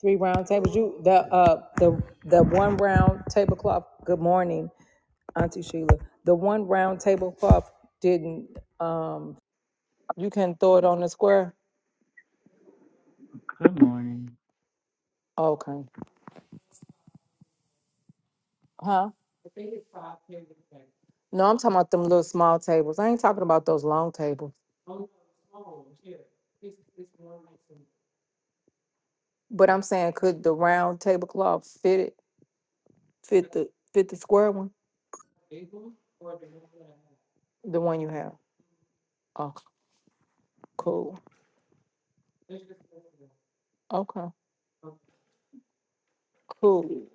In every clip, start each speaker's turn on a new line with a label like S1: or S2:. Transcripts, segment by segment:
S1: Three round tables. You the uh the the one round tablecloth. Good morning, Auntie Sheila. The one round tablecloth didn't. You can throw it on the square.
S2: Good morning.
S1: Okay. Huh? No, I'm talking about them little small tables. I ain't talking about those long tables. But I'm saying, could the round tablecloth fit it? Fit the fit the square one? The one you have. Oh, cool. Okay. Cool.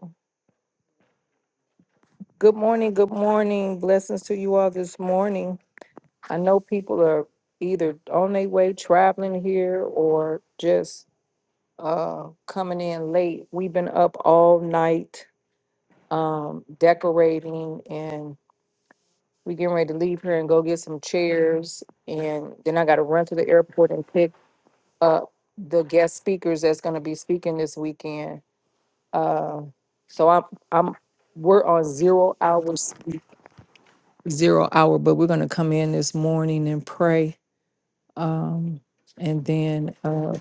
S1: Good morning. Good morning. Blessings to you all this morning. I know people are either on their way traveling here or just uh, coming in late. We've been up all night um, decorating and we getting ready to leave here and go get some chairs. And then I got to run to the airport and pick up the guest speakers that's going to be speaking this weekend. Uh, so I'm, I'm, we're on zero hours, zero hour, but we're going to come in this morning and pray Um, and then uh,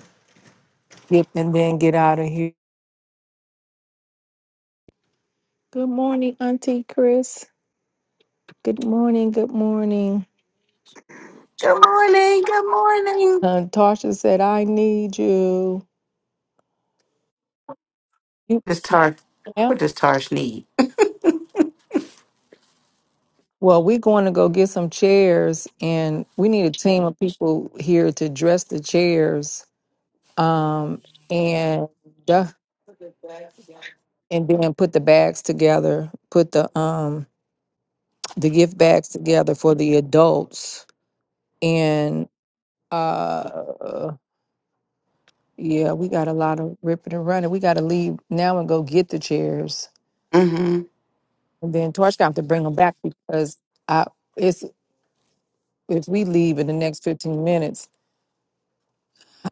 S1: get and then get out of here. Good morning, Auntie Chris. Good morning. Good morning.
S3: Good morning. Good morning.
S1: Uh, Tarsha said, "I need you." You-
S3: This Tar,
S1: Yeah.
S3: what does Tarsh need?
S1: Well, we're going to go get some chairs, and we need a team of people here to dress the chairs. Um, and uh, and then put the bags together. Put the um the gift bags together for the adults Uh, yeah, we got a lot of ripping and running. We got to leave now and go get the chairs,
S3: Mm-hmm.
S1: and then Torch got to bring them back because I it's if we leave in the next fifteen minutes,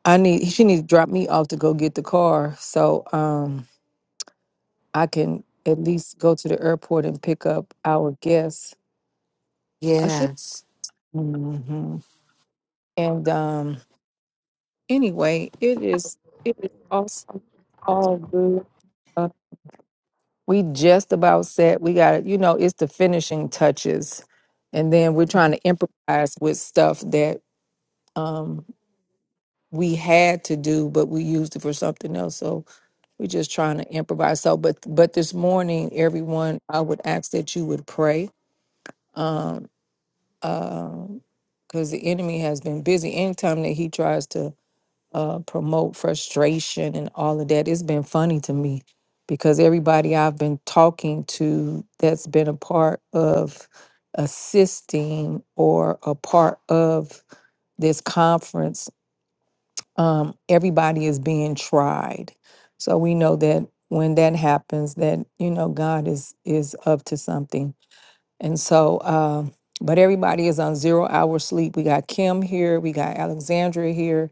S1: I need she needs to drop me off to go get the car so um I can at least go to the airport and pick up our guests. I should.
S3: Yes.
S1: hmm And um, anyway, it is it is awesome, all good. Uh, we just about set. We got, you know, it's the finishing touches. And then we're trying to improvise with stuff that um, we had to do, but we used it for something else. So we're just trying to improvise. So, but, but this morning, everyone, I would ask that you would pray. Um, um, because the enemy has been busy anytime that he tries to uh, promote frustration and all of that. It's been funny to me because everybody I've been talking to that's been a part of assisting or a part of this conference, um, everybody is being tried. So we know that when that happens, that you know God is is up to something. And so, um, but everybody is on zero hour sleep. We got Kim here, we got Alexandria here,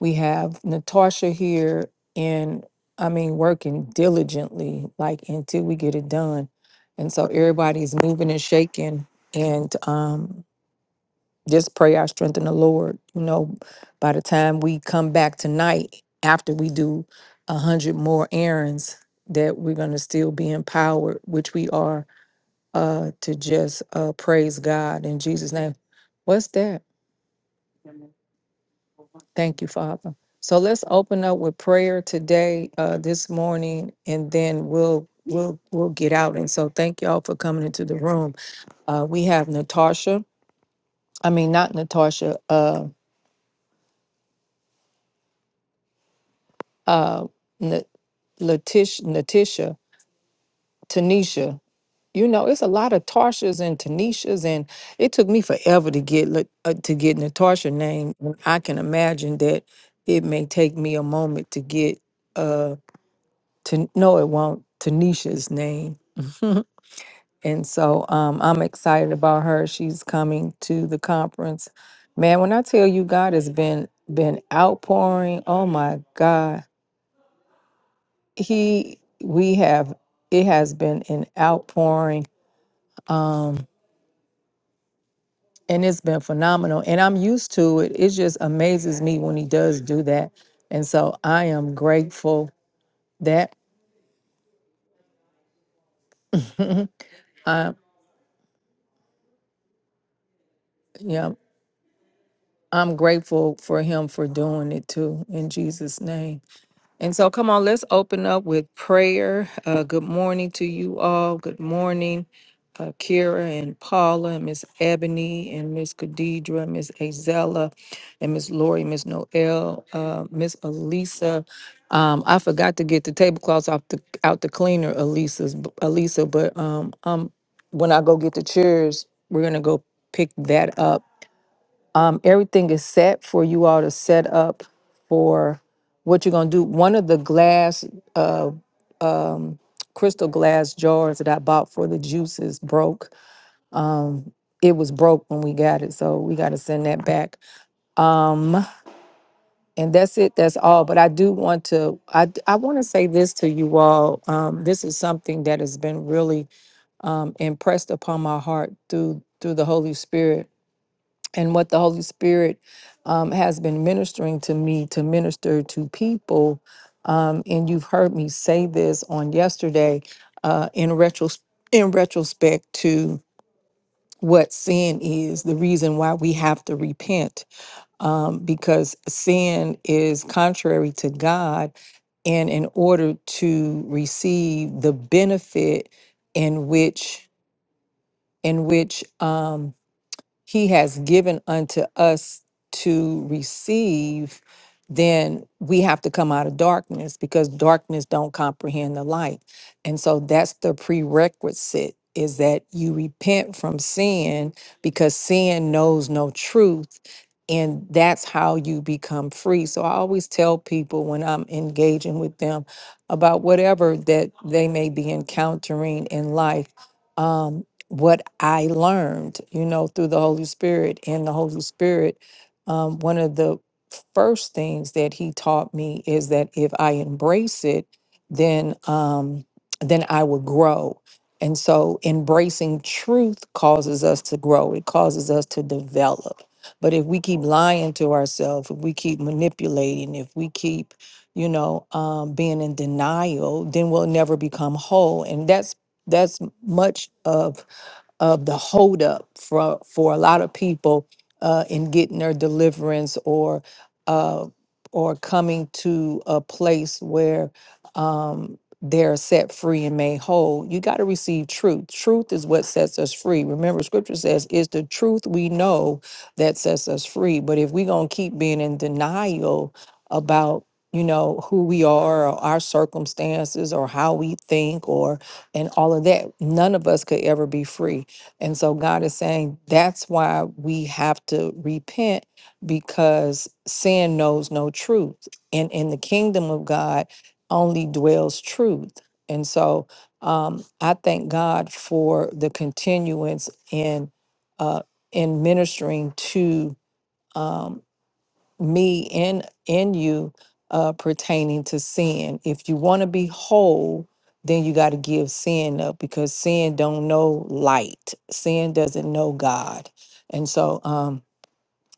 S1: we have Natasha here and I mean working diligently, like until we get it done. And so everybody's moving and shaking and um just pray our strength in the Lord. You know, by the time we come back tonight, after we do a hundred more errands, that we're gonna still be empowered, which we are, uh, to just uh praise God in Jesus' name. What's that? Thank you, Father. So let's open up with prayer today, uh, this morning, and then we'll we'll we'll get out. And so thank y'all for coming into the room. Uh, we have Natasha. I mean, not Natasha. Uh, uh, Na- Letitia, Natisha, Tanisha. You know, it's a lot of Tarshas and Tanishas, and it took me forever to get Lat- uh, to get Natasha name. And I can imagine that it may take me a moment to get. uh, to no it won't tanisha's name and so um, i'm excited about her she's coming to the conference man when i tell you god has been been outpouring oh my god he we have it has been an outpouring um and it's been phenomenal and i'm used to it it just amazes me when he does do that and so i am grateful that i yeah I'm grateful for him for doing it too in Jesus' name. And so, come on, let's open up with prayer. Uh, good morning to you all. Good morning, uh, Kira and Paula, and Miss Ebony, and Miss Khadidra, Miss Azella, and Miss Lori, Miss Noel, uh, Miss Elisa. Um, I forgot to get the tablecloths off the out the cleaner, Elisa's Elisa. But um, um, when I go get the chairs, we're gonna go pick that up um, everything is set for you all to set up for what you're going to do. One of the glass, uh, um, crystal glass jars that I bought for the juices broke. Um, it was broke when we got it, so we got to send that back. Um, and that's it. That's all. But I do want to. I d- I want to say this to you all. Um, this is something that has been really um, impressed upon my heart through through the Holy Spirit and what the Holy Spirit um, has been ministering to me to minister to people. Um, and you've heard me say this on yesterday uh, in retros- in retrospect to what sin is, the reason why we have to repent, um, because sin is contrary to God. And in order to receive the benefit in which in which um, he has given unto us to receive then we have to come out of darkness because darkness don't comprehend the light and so that's the prerequisite is that you repent from sin because sin knows no truth and that's how you become free so i always tell people when i'm engaging with them about whatever that they may be encountering in life um, what I learned, you know, through the Holy Spirit. And the Holy Spirit, um, one of the first things that He taught me is that if I embrace it, then um, then I will grow. And so, embracing truth causes us to grow. It causes us to develop. But if we keep lying to ourselves, if we keep manipulating, if we keep, you know, um, being in denial, then we'll never become whole. And that's that's much of of the holdup for for a lot of people uh, in getting their deliverance or uh, or coming to a place where um, they're set free and made whole. You got to receive truth. Truth is what sets us free. Remember, Scripture says it's the truth we know that sets us free. But if we're gonna keep being in denial about you know who we are or our circumstances or how we think or and all of that none of us could ever be free and so God is saying that's why we have to repent because sin knows no truth. And in the kingdom of God only dwells truth. And so um, I thank God for the continuance in uh, in ministering to um, me and in you uh, pertaining to sin. If you want to be whole, then you got to give sin up because sin don't know light. Sin doesn't know God, and so um,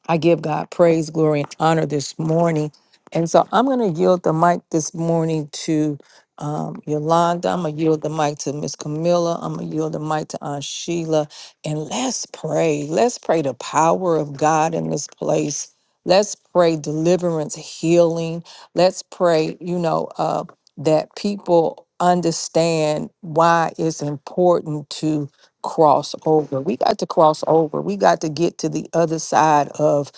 S1: I give God praise, glory, and honor this morning. And so I'm going to yield the mic this morning to um, Yolanda. I'm going to yield the mic to Miss Camilla. I'm going to yield the mic to Aunt Sheila. And let's pray. Let's pray the power of God in this place. Let's pray deliverance, healing. Let's pray, you know, uh, that people understand why it's important to cross over. We got to cross over. We got to get to the other side of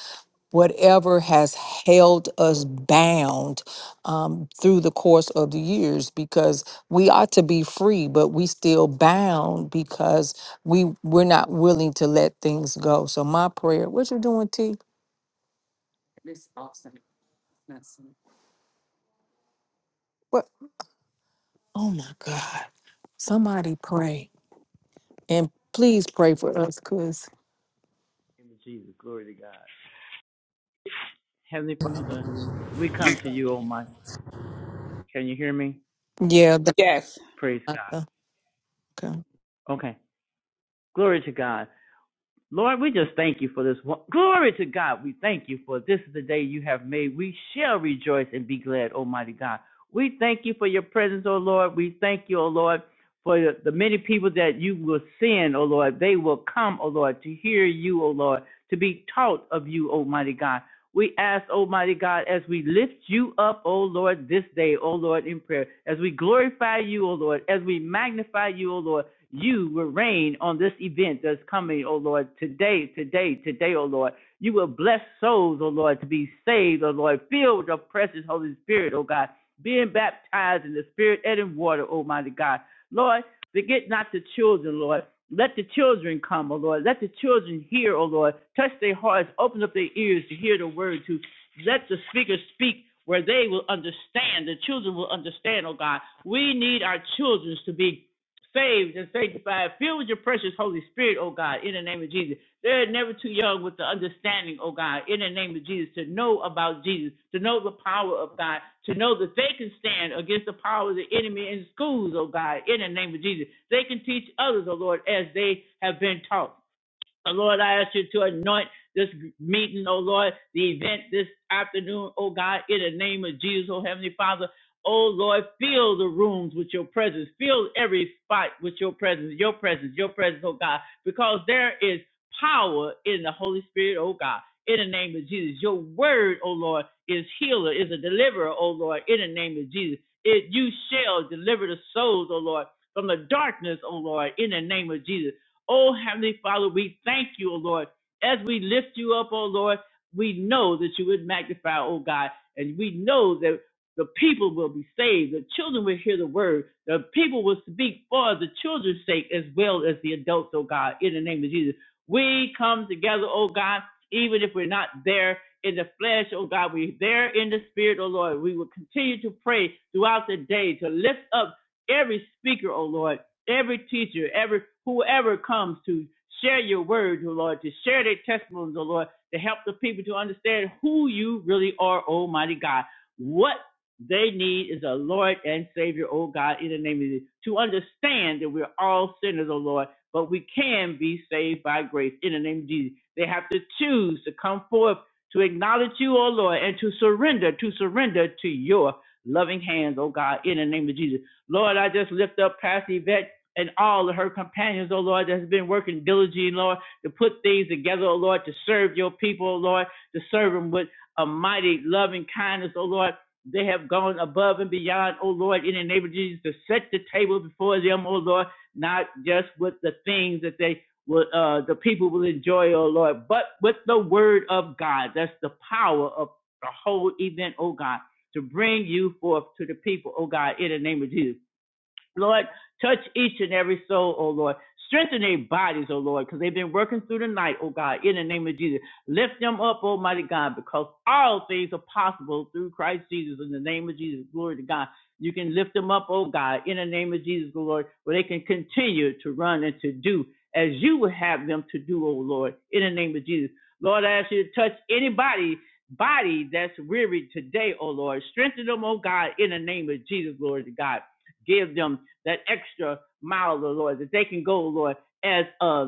S1: whatever has held us bound um, through the course of the years because we ought to be free, but we still bound because we we're not willing to let things go. So my prayer, what you doing, T? What? Oh my God! Somebody pray and please pray for us, cause
S2: In the Name of Jesus, glory to God. Heavenly Father, we come to you, oh my. Can you hear me?
S1: yeah, Dr.
S4: Yes.
S2: Praise God.
S1: Martha.
S2: Okay. Glory to God. Lord, we just thank you for this. one- Glory to God. We thank you for this is the day you have made. We shall rejoice and be glad, Almighty God. We thank you for your presence, O Lord. We thank you, O Lord, for the the many people that you will send, O Lord. They will come, O Lord, to hear you, O Lord, to be taught of you, Almighty God. We ask, Almighty God, as we lift you up, O Lord, this day, O Lord, in prayer, as we glorify you, O Lord, as we magnify you, O Lord, you will reign on this event that's coming, O Lord, today, today, today, O Lord. You will bless souls, O Lord, to be saved, O Lord, filled with your precious Holy Spirit, O God, being baptized in the Spirit and in water, Almighty God. Lord, forget not the children, Lord. Let the children come, O Lord. Let the children hear, O Lord. Touch their hearts, open up their ears to hear the word, to let the speaker speak where they will understand. The children will understand, O God. We need our children to be saved and sanctified, filled with your precious Holy Spirit, oh God, in the name of Jesus. They're never too young with the understanding, oh God, in the name of Jesus, to know about Jesus, to know the power of God, to know that they can stand against the power of the enemy in schools, oh God, in the name of Jesus. They can teach others, oh Lord, as they have been taught. And Lord, I ask you to anoint this meeting, oh Lord, the event this afternoon, oh God, in the name of Jesus, oh Heavenly Father. Oh Lord, fill the rooms with your presence. Fill every spot with your presence, your presence, your presence, oh God, because there is power in the Holy Spirit, oh God. In the name of Jesus, your word, oh Lord, is healer, is a deliverer, oh Lord. In the name of Jesus, it you shall deliver the souls, oh Lord, from the darkness, oh Lord. In the name of Jesus. Oh, Heavenly Father, we thank you, O Lord. As we lift you up, O Lord, we know that you would magnify, O God, and we know that the people will be saved. The children will hear the word. The people will speak for the children's sake as well as the adults, oh God, in the name of Jesus. We come together, oh God, even if we're not there in the flesh, oh God, we're there in the spirit, oh Lord. We will continue to pray throughout the day to lift up every speaker, oh Lord, every teacher, every whoever comes to share your word, oh Lord, to share their testimonies, oh Lord, to help the people to understand who you really are, Almighty God. What they need is a Lord and Savior, oh God, in the name of Jesus, to understand that we're all sinners, oh Lord, but we can be saved by grace in the name of Jesus. They have to choose to come forth to acknowledge you, oh Lord, and to surrender, to surrender to your loving hands, oh God, in the name of Jesus. Lord, I just lift up Pastor Yvette and all of her companions, O Lord, that has been working diligently, Lord, to put things together, O Lord, to serve your people, O Lord, to serve them with a mighty loving kindness, O Lord. They have gone above and beyond, O Lord, in the name of Jesus, to set the table before them, O Lord, not just with the things that they will, uh, the people will enjoy, O Lord, but with the word of God. That's the power of the whole event, O God, to bring you forth to the people, O God, in the name of Jesus. Lord, touch each and every soul, oh Lord. Strengthen their bodies, oh Lord, because they've been working through the night, oh God, in the name of Jesus. Lift them up, Almighty God, because all things are possible through Christ Jesus. In the name of Jesus, glory to God. You can lift them up, oh God, in the name of Jesus, oh Lord, where they can continue to run and to do as you would have them to do, oh Lord, in the name of Jesus. Lord, I ask you to touch anybody body that's weary today, oh Lord. Strengthen them, oh God, in the name of Jesus, glory to God. Give them that extra mile, oh Lord, that they can go, Lord, as uh,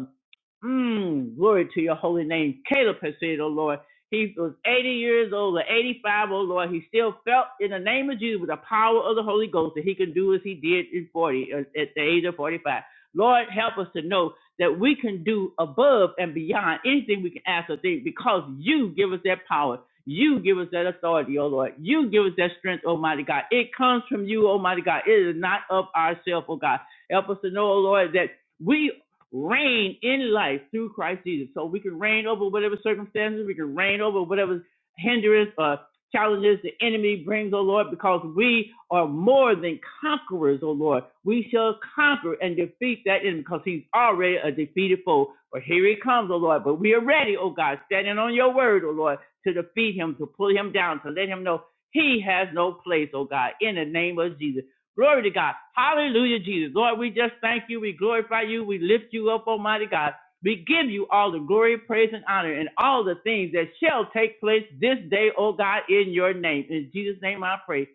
S2: Mm, glory to your holy name. Caleb has said, oh Lord, he was 80 years old or 85, oh Lord. He still felt in the name of Jesus with the power of the Holy Ghost that he can do as he did in 40, uh, at the age of 45. Lord, help us to know that we can do above and beyond anything we can ask or think because you give us that power. You give us that authority, oh Lord. You give us that strength, Almighty God. It comes from you, Almighty God. It is not of ourselves, oh God. Help us to know, oh Lord, that. we reign in life through Christ Jesus. So we can reign over whatever circumstances, we can reign over whatever hindrance or challenges the enemy brings, O Lord, because we are more than conquerors, O Lord. We shall conquer and defeat that enemy because he's already a defeated foe. But here he comes, O Lord. But we are ready, O God, standing on your word, O Lord, to defeat him, to pull him down, to let him know he has no place, O God, in the name of Jesus. Glory to God. Hallelujah, Jesus. Lord, we just thank you. We glorify you. We lift you up, Almighty God. We give you all the glory, praise, and honor, and all the things that shall take place this day, O God, in your name. In Jesus' name I pray.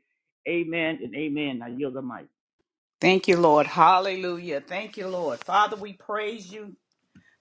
S2: Amen and amen. I yield the mic.
S4: Thank you, Lord. Hallelujah. Thank you, Lord. Father, we praise you.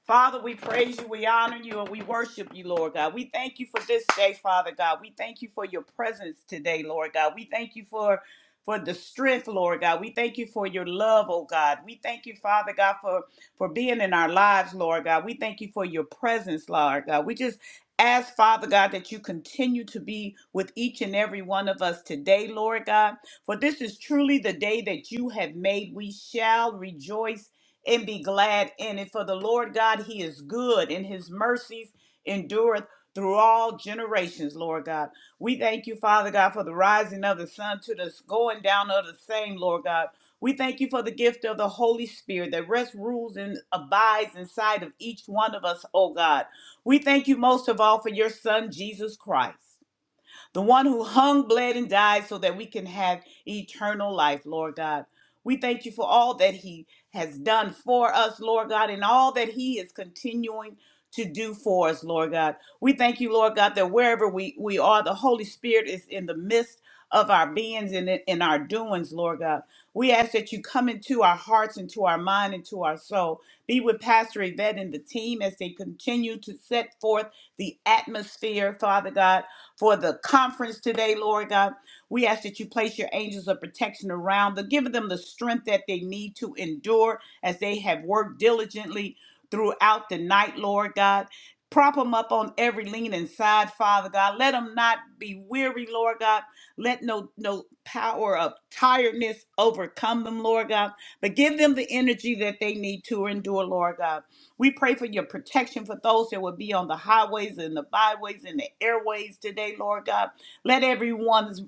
S4: Father, we praise you, we honor you, and we worship you, Lord God. We thank you for this day, Father God. We thank you for your presence today, Lord God. We thank you for for the strength, Lord God. We thank you for your love, oh God. We thank you, Father God, for for being in our lives, Lord God. We thank you for your presence, Lord God. We just ask, Father God, that you continue to be with each and every one of us today, Lord God. For this is truly the day that you have made. We shall rejoice and be glad in it. For the Lord God, He is good, and His mercies endureth through all generations, Lord God. We thank you, Father God, for the rising of the sun to the going down of the same, Lord God. We thank you for the gift of the Holy Spirit that rests, rules, and abides inside of each one of us, oh God. We thank you most of all for your Son, Jesus Christ the one who hung, bled, and died so that we can have eternal life, Lord God. We thank you for all that he has done for us, Lord God, and all that he is continuing to do for us, Lord God. We thank you, Lord God, that wherever we, we are, the Holy Spirit is in the midst of our beings and in in our doings, Lord God. We ask that you come into our hearts, into our mind, into our soul. Be with Pastor Yvette and the team as they continue to set forth the atmosphere, Father God for the conference today, Lord God. We ask that you place your angels of protection around them, giving them the strength that they need to endure as they have worked diligently throughout the night, Lord God. Prop them up on every lean and side, Father God. Let them not be weary, Lord God. Let no no power of tiredness overcome them, Lord God. But give them the energy that they need to endure, Lord God. We pray for your protection for those that will be on the highways and the byways and the airways today, Lord God. Let everyone's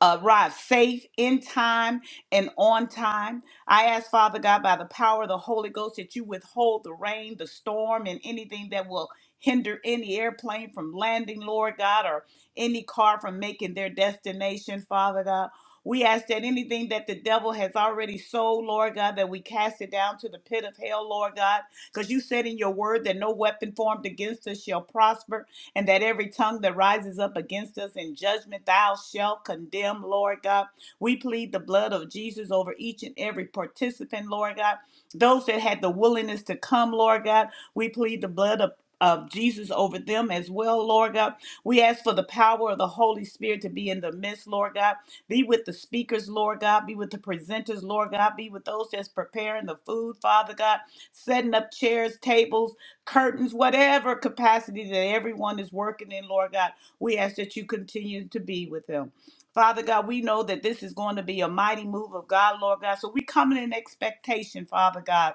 S4: uh, arrive safe in time and on time. I ask, Father God, by the power of the Holy Ghost, that you withhold the rain, the storm, and anything that will hinder any airplane from landing, Lord God, or any car from making their destination, Father God. We ask that anything that the devil has already sold, Lord God, that we cast it down to the pit of hell, Lord God because you said in your word that no weapon formed against us shall prosper, and that every tongue that rises up against us in judgment thou shalt condemn, Lord God. We plead the blood of Jesus over each and every participant, Lord God. Those that had the willingness to come, Lord God, we plead the blood of of Jesus over them as well, Lord God. We ask for the power of the Holy Spirit to be in the midst, Lord God. Be with the speakers, Lord God. Be with the presenters, Lord God. Be with those that's preparing the food, Father God setting up chairs, tables, curtains, whatever capacity that everyone is working in, Lord God. We ask that you continue to be with them. Father God, we know that this is going to be a mighty move of God, Lord God. So we come in expectation, Father God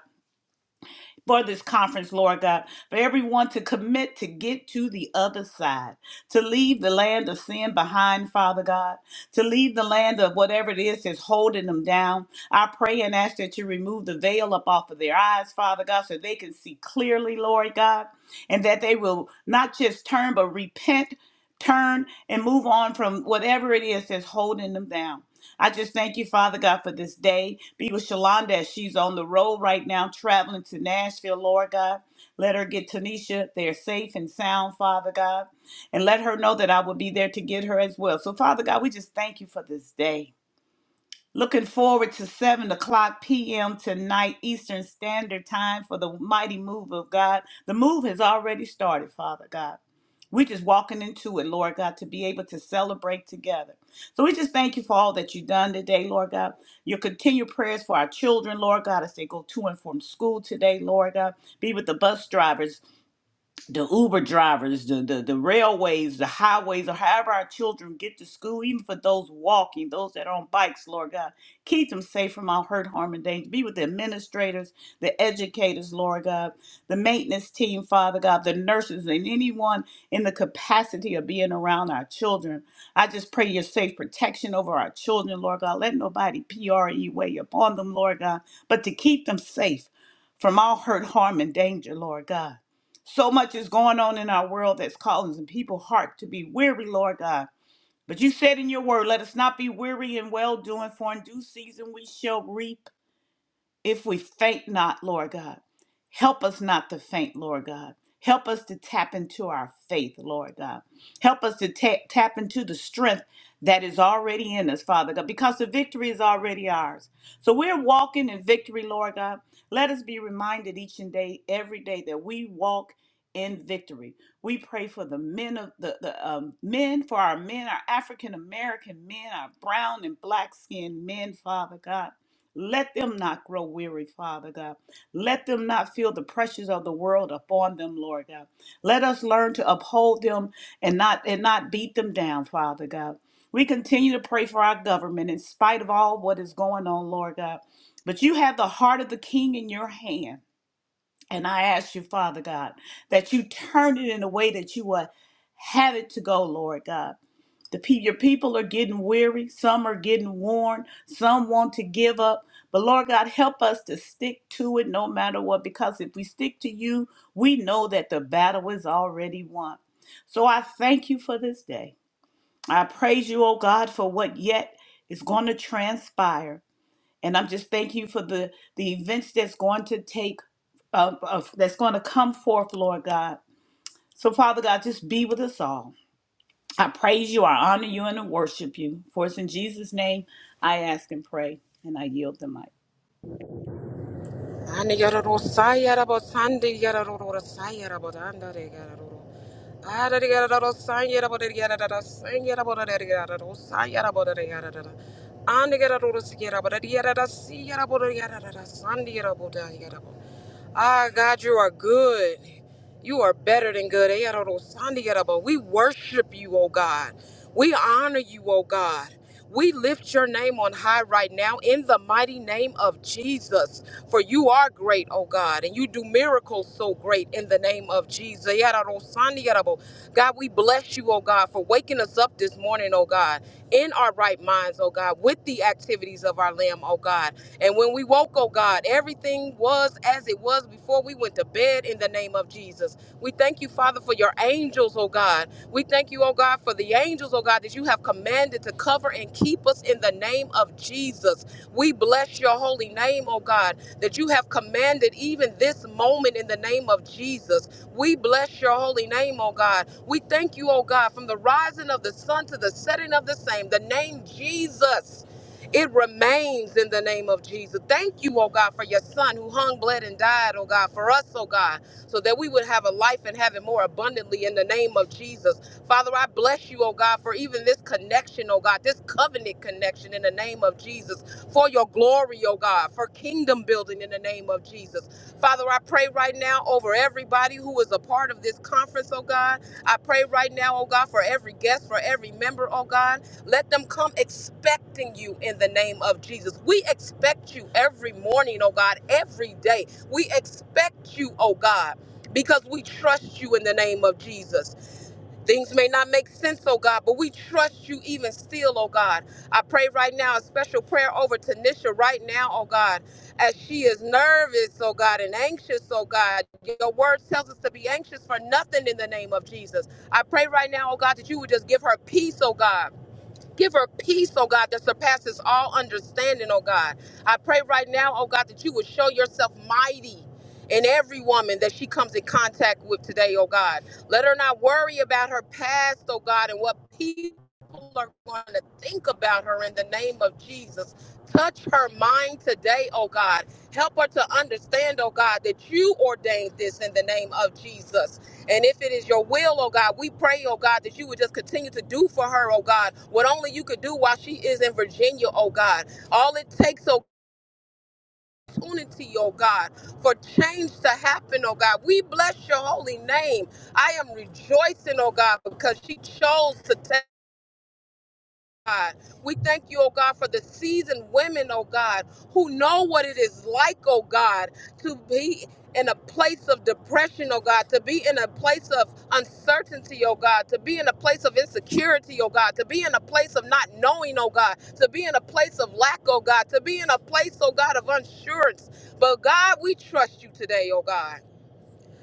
S4: for this conference, Lord God, for everyone to commit to get to the other side, to leave the land of sin behind, Father God, to leave the land of whatever it is that's holding them down. I pray and ask that you remove the veil up off of their eyes, Father God, so they can see clearly, Lord God, and that they will not just turn, but repent, turn, and move on from whatever it is that's holding them down. I just thank you, Father God, for this day. Be with Shalonda as she's on the road right now, traveling to Nashville, Lord God. Let her get Tanisha there safe and sound, Father God. And let her know that I will be there to get her as well. So, Father God, we just thank you for this day. Looking forward to 7 o'clock p.m. tonight, Eastern Standard Time, for the mighty move of God. The move has already started, Father God. We're just walking into it, Lord God, to be able to celebrate together. So we just thank you for all that you've done today, Lord God. Your continued prayers for our children, Lord God, as they go to and from school today, Lord God. Be with the bus drivers, the Uber drivers, the, the, the railways, the highways, or however our children get to school, even for those walking, those that are on bikes, Lord God. Keep them safe from all hurt, harm, and danger. Be with the administrators, the educators, Lord God, the maintenance team, Father God, the nurses, and anyone in the capacity of being around our children. I just pray your safe protection over our children, Lord God. Let nobody PRE way upon them, Lord God, but to keep them safe from all hurt, harm, and danger, Lord God. So much is going on in our world that's calling some people heart to be weary, Lord God. But you said in your word, let us not be weary in well doing, for in due season we shall reap if we faint not, Lord God. Help us not to faint, Lord God. Help us to tap into our faith, Lord God. Help us to ta- tap into the strength that is already in us, Father God, because the victory is already ours. So we're walking in victory, Lord God. Let us be reminded each and day, every day, that we walk in victory. We pray for the men of the, the um, men, for our men, our African American men, our brown and black skinned men, Father God. Let them not grow weary, Father God. Let them not feel the pressures of the world upon them, Lord God. Let us learn to uphold them and not and not beat them down, Father God. We continue to pray for our government in spite of all what is going on, Lord God. But you have the heart of the king in your hand. And I ask you, Father God, that you turn it in a way that you will have it to go, Lord God. The pe- your people are getting weary. Some are getting worn. Some want to give up. But Lord God, help us to stick to it no matter what, because if we stick to you, we know that the battle is already won. So I thank you for this day. I praise you, oh God, for what yet is going to transpire. And I'm just thanking you for the, the events that's going to take, uh, uh, that's going to come forth, Lord God. So, Father God, just be with us all. I praise you, I honor you, and I worship you. For it's in Jesus' name I ask and pray, and I yield the mic.
S5: Ani yararo sayara bo sande yararo ro sayara bo danda re yararo ro. ro. Ara re yararo sayara bo re yararo ro sayara bo re yararo ro sayara bo re yararo ro. Ani yararo ro sayara bo re yararo sayara bo re yararo ro sande yararo bo da yararo bo. Ah, God, you are good. You are better than good. Eh, yada, do, sanda, yada, but We worship you, oh God. We honor you, oh God. We lift your name on high right now in the mighty name of Jesus. For you are great, oh God, and you do miracles so great in the name of Jesus. God, we bless you, oh God, for waking us up this morning, oh God, in our right minds, oh God, with the activities of our limb, oh God. And when we woke, oh God, everything was as it was before we went to bed in the name of Jesus. We thank you, Father, for your angels, oh God. We thank you, oh God, for the angels, oh God, that you have commanded to cover and keep us in the name of Jesus. We bless your holy name, oh God that you have commanded even this moment in the name of Jesus. We bless your holy name, oh God. We thank you, oh God, from the rising of the sun to the setting of the same. The name Jesus. It remains in the name of Jesus. Thank you, oh God, for your son who hung, bled, and died, oh God, for us, oh God, so that we would have a life and have it more abundantly in the name of Jesus. Father, I bless you, oh God, for even this connection, oh God, this covenant connection in the name of Jesus for your glory, oh God, for kingdom building in the name of Jesus. Father, I pray right now over everybody who is a part of this conference, oh God. I pray right now, oh God, for every guest, for every member, oh God. Let them come expecting you in the name of Jesus. We expect you every morning, oh God, every day. We expect you, oh God. Because we trust you in the name of Jesus. Things may not make sense, oh God, but we trust you even still, oh God. I pray right now a special prayer over Tanisha right now, oh God, as she is nervous, oh God, and anxious, oh God. Your word tells us to be anxious for nothing in the name of Jesus. I pray right now, oh God, that you would just give her peace, oh God. Give her peace, oh God, that surpasses all understanding, oh God. I pray right now, oh God, that you would show yourself mighty in every woman that she comes in contact with today, oh God. Let her not worry about her past, oh God, and what people are going to think about her in the name of Jesus. Touch her mind today, oh God. Help her to understand, oh God, that you ordained this in the name of Jesus. And if it is your will, oh God, we pray, oh God, that you would just continue to do for her, oh God, what only you could do while she is in Virginia, oh God. All it takes, oh opportunity, oh God, for change to happen, oh God. We bless your holy name. I am rejoicing, oh God, because she chose to take. God. We thank you, oh God, for the seasoned women, oh God, who know what it is like, oh God, to be in a place of depression, oh God, to be in a place of uncertainty, oh God, to be in a place of insecurity, oh God, to be in a place of not knowing, oh God, to be in a place of lack, oh God, to be in a place, oh God, of unsurance. But God, we trust you today, oh God.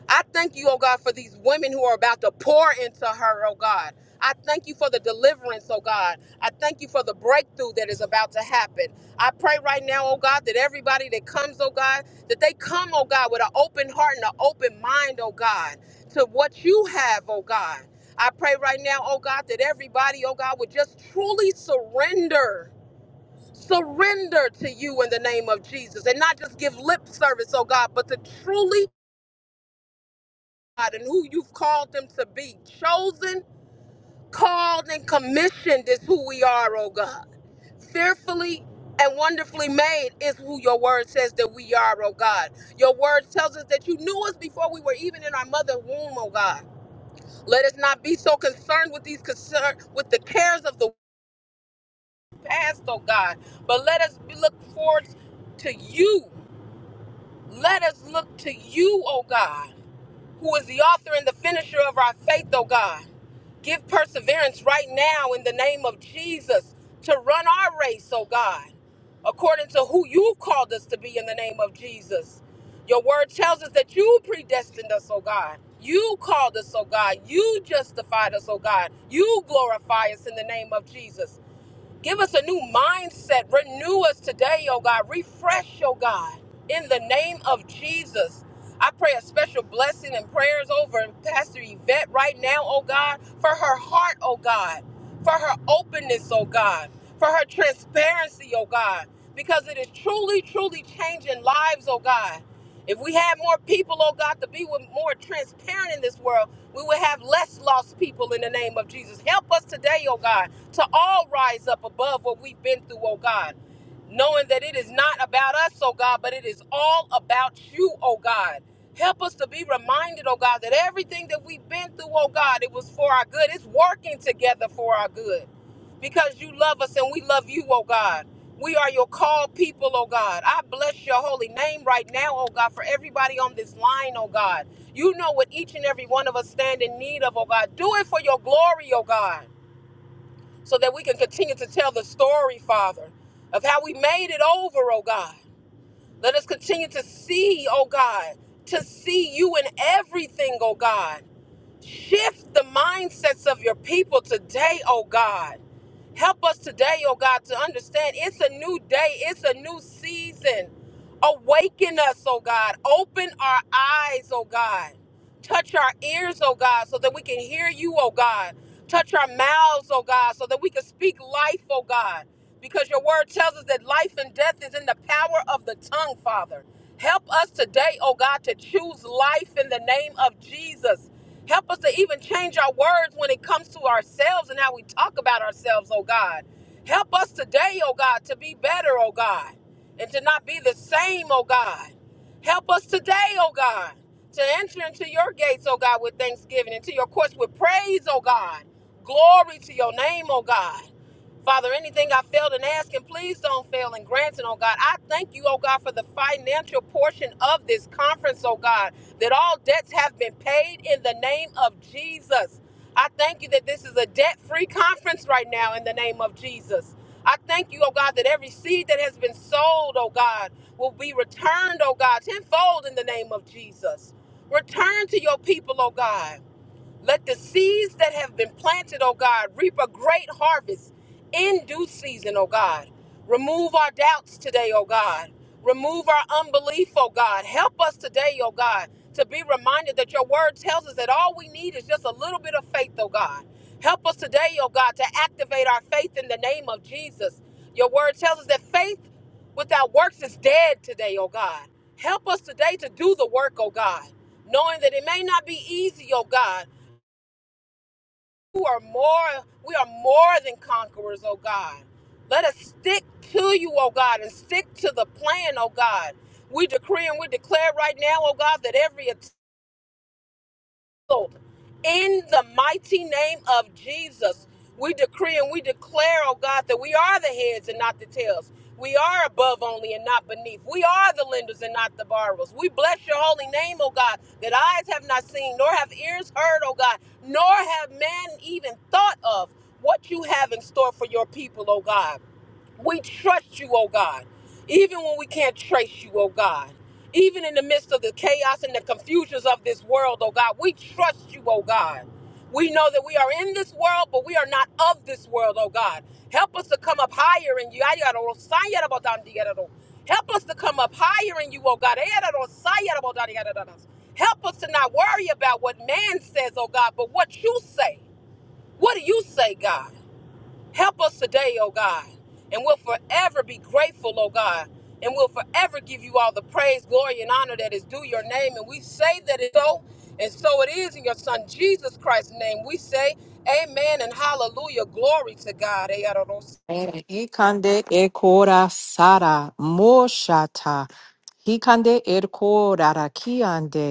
S5: I thank you, oh God, for these women who are about to pour into her, oh God. I thank you for the deliverance, oh God. I thank you for the breakthrough that is about to happen. I pray right now, oh God, that everybody that comes, oh God, that they come, oh God, with an open heart and an open mind, oh God, to what you have, oh God. I pray right now, oh God, that everybody, oh God, would just truly surrender. Surrender to you in the name of Jesus and not just give lip service, oh God, but to truly God and who you've called them to be. Chosen, called, and commissioned is who we are, oh God. Fearfully and wonderfully made is who your word says that we are, oh God. Your word tells us that you knew us before we were even in our mother's womb, oh God. Let us not be so concerned with these concern with the cares of the past, oh God, but let us look forward to you. Let us look to you, oh God, who is the author and the finisher of our faith, oh God. Give perseverance right now in the name of Jesus to run our race, oh God, according to who you called us to be in the name of Jesus. Your word tells us that you predestined us, oh God. You called us, oh God. You justified us, oh God. You glorify us in the name of Jesus. Give us a new mindset. Renew us today, oh God. Refresh, oh God. In the name of Jesus. I pray a special blessing and prayers over Pastor Yvette right now, oh God, for her heart, oh God, for her openness, oh God, for her transparency, oh God, because it is truly, truly changing lives, oh God. If we had more people, oh God, to be with more transparent in this world, we will have less lost people in the name of Jesus. Help us today, oh God, to all rise up above what we've been through, oh God, knowing that it is not about us, oh God, but it is all about you, oh God. Help us to be reminded, oh God, that everything that we've been through, oh God, it was for our good. It's working together for our good because you love us and we love you, oh God. We are your called people, oh God. I bless your holy name right now, oh God, for everybody on this line, oh God. You know what each and every one of us stand in need of, oh God. Do it for your glory, oh God, so that we can continue to tell the story, Father, of how we made it over, oh God. Let us continue to see, oh God, to see you in everything, oh God. Shift the mindsets of your people today, oh God. Help us today, oh God, to understand it's a new day, it's a new season. Awaken us, oh God. Open our eyes, oh God. Touch our ears, oh God, so that we can hear you, oh God. Touch our mouths, oh God, so that we can speak life, oh God. Because your word tells us that life and death is in the power of the tongue, Father. Help us today, oh God, to choose life in the name of Jesus. Help us to even change our words when it comes to ourselves and how we talk about ourselves, oh God. Help us today, oh God, to be better, oh God, and to not be the same, oh God. Help us today, oh God, to enter into your gates, oh God, with thanksgiving, into your courts with praise, oh God. Glory to your name, oh God. Father, anything I failed in asking, please don't fail in granting, oh God. I thank you, oh God, for the financial portion of this conference, oh God, that all debts have been paid in the name of Jesus. I thank you that this is a debt free conference right now in the name of Jesus. I thank you, oh God, that every seed that has been sold, oh God, will be returned, oh God, tenfold in the name of Jesus. Return to your people, oh God. Let the seeds that have been planted, oh God, reap a great harvest in due season, oh God. Remove our doubts today, oh God. Remove our unbelief, oh God. Help us today, oh God, to be reminded that your word tells us that all we need is just a little bit of faith, oh God. Help us today, oh God, to activate our faith in the name of Jesus. Your word tells us that faith without works is dead today, oh God. Help us today to do the work, oh God, knowing that it may not be easy, oh God who are more we are more than conquerors, oh God. Let us stick to you, oh God, and stick to the plan, oh God. We decree and we declare right now, oh God, that every attack healed in the mighty name of Jesus. We decree and we declare, oh God, that we are the heads and not the tails. We are above only and not beneath. We are the lenders and not the borrowers. We bless your holy name, oh God, that eyes have not seen, nor have ears heard, oh God, nor have man even thought of what you have in store for your people, oh God. We trust you, oh God, even when we can't trace you, oh God. Even in the midst of the chaos and the confusions of this world, oh God, we trust you, oh God. We know that we are in this world, but we are not of this world, oh God. Help us to come up higher in you. Help us to come up higher in you, oh God. Help us to not worry about what man says, oh God, but what you say. What do you say, God? Help us today, oh God, and we'll forever be grateful, oh God, and we'll forever give you all the praise, glory, and honor that is due your name. And we say that it's so, and so it is in your Son Jesus Christ's name. We say, Amen and hallelujah. Glory to God.
S1: Ikande ekora sara moshata. Hikande erko rarakiande.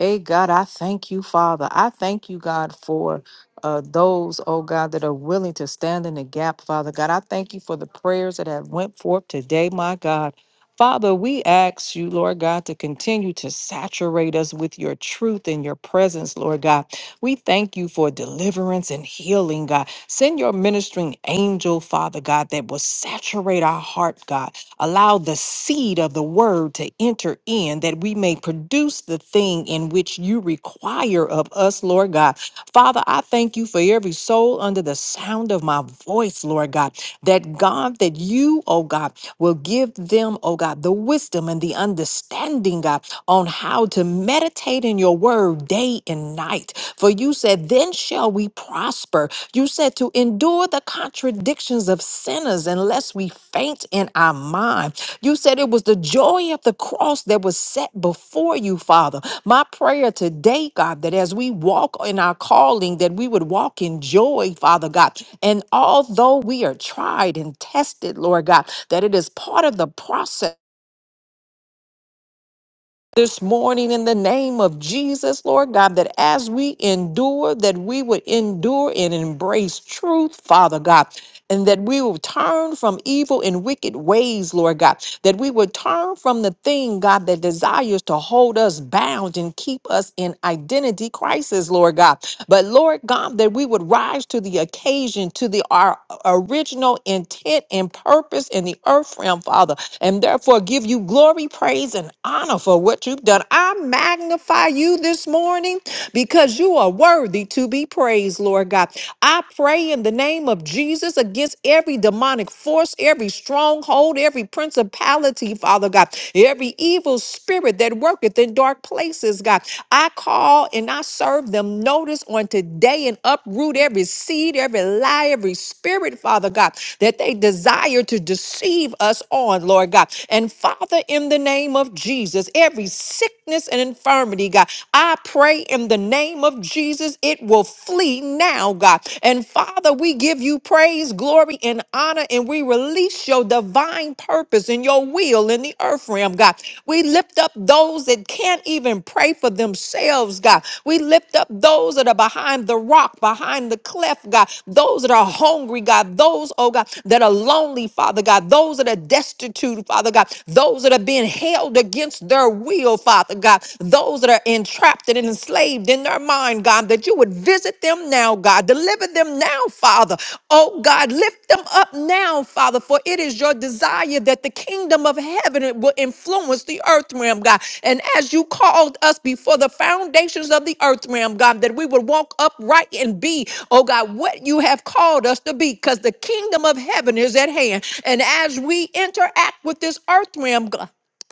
S1: Hey, God, I thank you, Father. I thank you, God, for uh, those, oh God, that are willing to stand in the gap, Father God. I thank you for the prayers that have went forth today, my God. Father, we ask you, Lord God, to continue to saturate us with your truth and your presence, Lord God. We thank you for deliverance and healing, God. Send your ministering angel, Father God, that will saturate our heart, God Allow the seed of the word to enter in that we may produce the thing in which you require of us, Lord God. Father, I thank you for every soul under the sound of my voice, Lord God, that God, that you, oh God, will give them, oh God, the wisdom and the understanding, God, on how to meditate in your word day and night. For you said, Then shall we prosper you said to endure the contradictions of sinners unless we faint in our mind. You said it was the joy of the cross that was set before you, Father. My prayer today, God, that as we walk in our calling, that we would walk in joy, Father God. And although we are tried and tested, Lord God, that it is part of the process this morning in the name of Jesus, Lord God, that as we endure, that we would endure and embrace truth, Father God, and that we will turn from evil and wicked ways, Lord God, that we would turn from the thing, God, that desires to hold us bound and keep us in identity crisis, Lord God. But Lord God, that we would rise to the occasion, to the our original intent and purpose in the earth realm, Father and therefore give you glory, praise, and honor for what you've done. I magnify you this morning because you are worthy to be praised, Lord God. I pray in the name of Jesus against every demonic force, every stronghold, every principality, Father God, every evil spirit that worketh in dark places, God. I call and I serve them notice on today and uproot every seed, every lie, every spirit, Father God, that they desire to deceive us on, Lord God. And Father, in the name name of Jesus. Every sickness and infirmity, God, I pray in the name of Jesus, it will flee now, God. And Father, we give you praise, glory, and honor, and we release your divine purpose and your will in the earth realm, God. We lift up those that can't even pray for themselves, God. We lift up those that are behind the rock, behind the cleft, God. Those that are hungry, God. Those, oh God, that are lonely, Father God, those that are destitute, Father God, those that are being held against their will, Father God, those that are entrapped and enslaved in their mind, God, that you would visit them now, God, deliver them now, Father. Oh, God, lift them up now, Father, for it is your desire that the kingdom of heaven will influence the earth realm, God. And as you called us before the foundations of the earth realm, God, that we would walk upright upright and be, oh God, what you have called us to be, because the kingdom of heaven is at hand. And as we interact with this earth realm, God,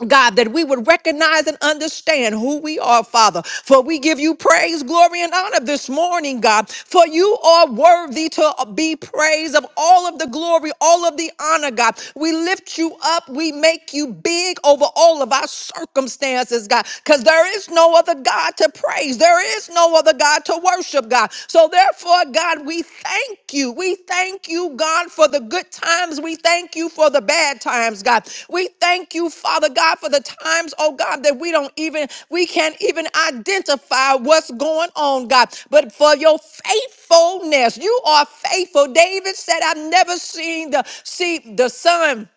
S1: God, that we would recognize and understand who we are, Father. For we give you praise, glory, and honor this morning, God. For you are worthy to uh, be praised of all of the glory, all of the honor, God. We lift you up. We make you big over all of our circumstances, God because there is no other God to praise. There is no other God to worship, God. So therefore, God, we thank you. We thank you, God, for the good times. We thank you for the bad times, God. We thank you, Father God, for the times, oh God, that we don't even, we can't even identify what's going on, God. But for your faithfulness, you are faithful. David said, I've never seen the see the sun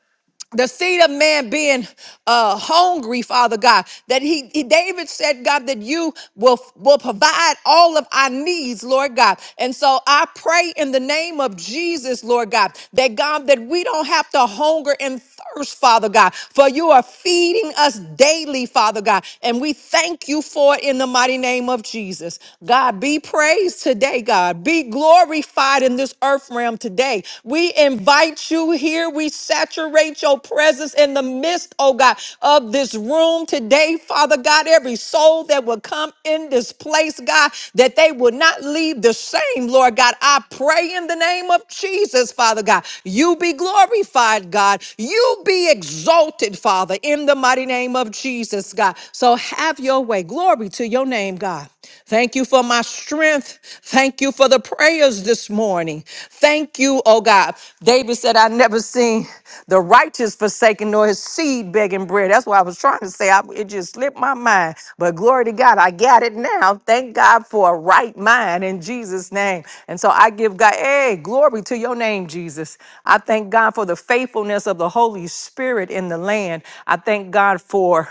S1: the seed of man being uh hungry father god that he, he- david said god that you will will provide all of our needs lord god and so i pray in the name of jesus lord god that god that we don't have to hunger and thirst father god for you are feeding us daily father god and we thank you for it in the mighty name of jesus god be praised today god be glorified in this earth earth realm today. We invite you here. We saturate your presence in the midst, oh God, of this room today, Father God. Every soul that will come in this place, God, that they will not leave the same, Lord God. I pray in the name of Jesus, Father God. You be glorified, God. You be exalted, Father, in the mighty name of Jesus, God. So have your way. Glory to your name, God. Thank you. Thank you for my strength. Thank you for the prayers this morning. Thank you, oh God. David said, I never seen the righteous forsaken nor his seed begging bread. That's what I was trying to say. I, it just slipped my mind. But glory to God, I got it now. Thank God for a right mind in Jesus' name. And so I give God, hey, glory to your name, Jesus. I thank God for the faithfulness of the Holy Spirit in the land. I thank God for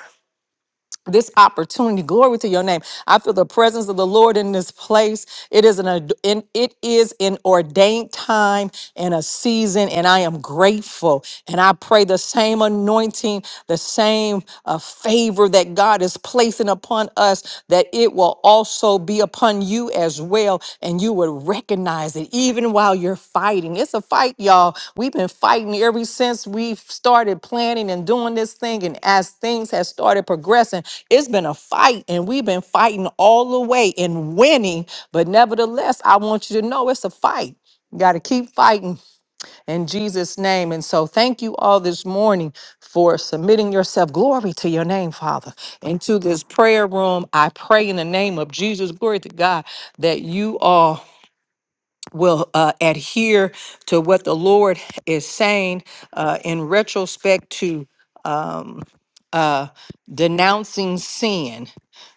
S1: this opportunity. Glory to your name. I feel the presence of the Lord in this place. It is an ad- in, it is an ordained time and a season, and I am grateful. And I pray the same anointing, the same uh, favor that God is placing upon us, that it will also be upon upon you as well, and you would recognize it even while you're fighting. It's a fight, y'all. We've been fighting ever since we've started planning and doing this thing, and as things have started progressing, it's been a fight, and we've been fighting all the way and winning. But nevertheless, I want you to know it's a fight. You got to keep fighting in Jesus' name. And so thank you all this morning for submitting yourself. Glory to your name, Father, into this prayer room. I pray in the name of Jesus, glory to God, that you all will uh, adhere to what the Lord is saying uh, in retrospect to. um, uh, denouncing sin,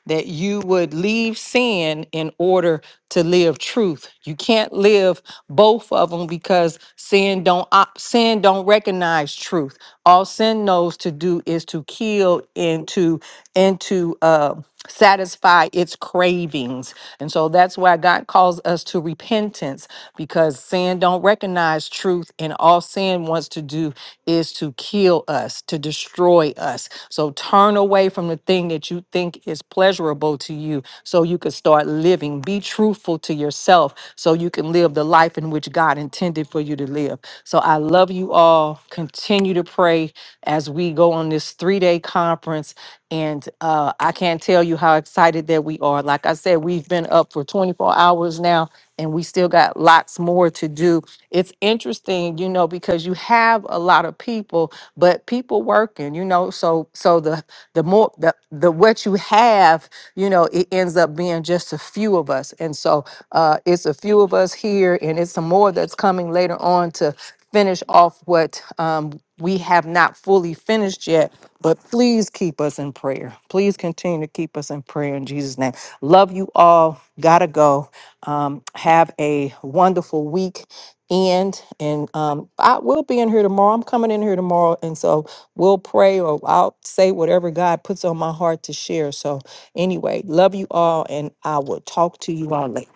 S1: that you would leave sin in order to live truth. You can't live both of them because sin don't op- sin don't recognize truth. All sin knows to do is to kill and to and to uh, satisfy its cravings, and so that's why God calls us to repentance because sin don't recognize recognize truth, and all sin wants to do is to kill us, to destroy us. So turn away from the thing that you think is pleasurable to you so you can start living. Be truthful to yourself so you can live the life in which God intended for you to live. So I love you all. Continue to pray as we go on this three day conference. And uh, I can't tell you how excited that we are. Like I said, we've been up for 24 hours now, and we still got lots more to do. It's interesting, you know, because you have a lot of people, but people working, you know. So, so the the more the the what you have, you know, it ends up being just a few of us. And so, uh, it's a few of us here, and it's some more that's coming later on to finish off what um, we have not fully finished yet. But please keep us in prayer. Please continue to keep us in prayer in Jesus' name. Love you all. Gotta go. Um, have a wonderful week. And and um, I will be in here tomorrow. I'm coming in here tomorrow, and so we'll pray or I'll say whatever God puts on my heart to share. So anyway, love you all, and I will talk to you all later.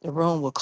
S1: The room will close.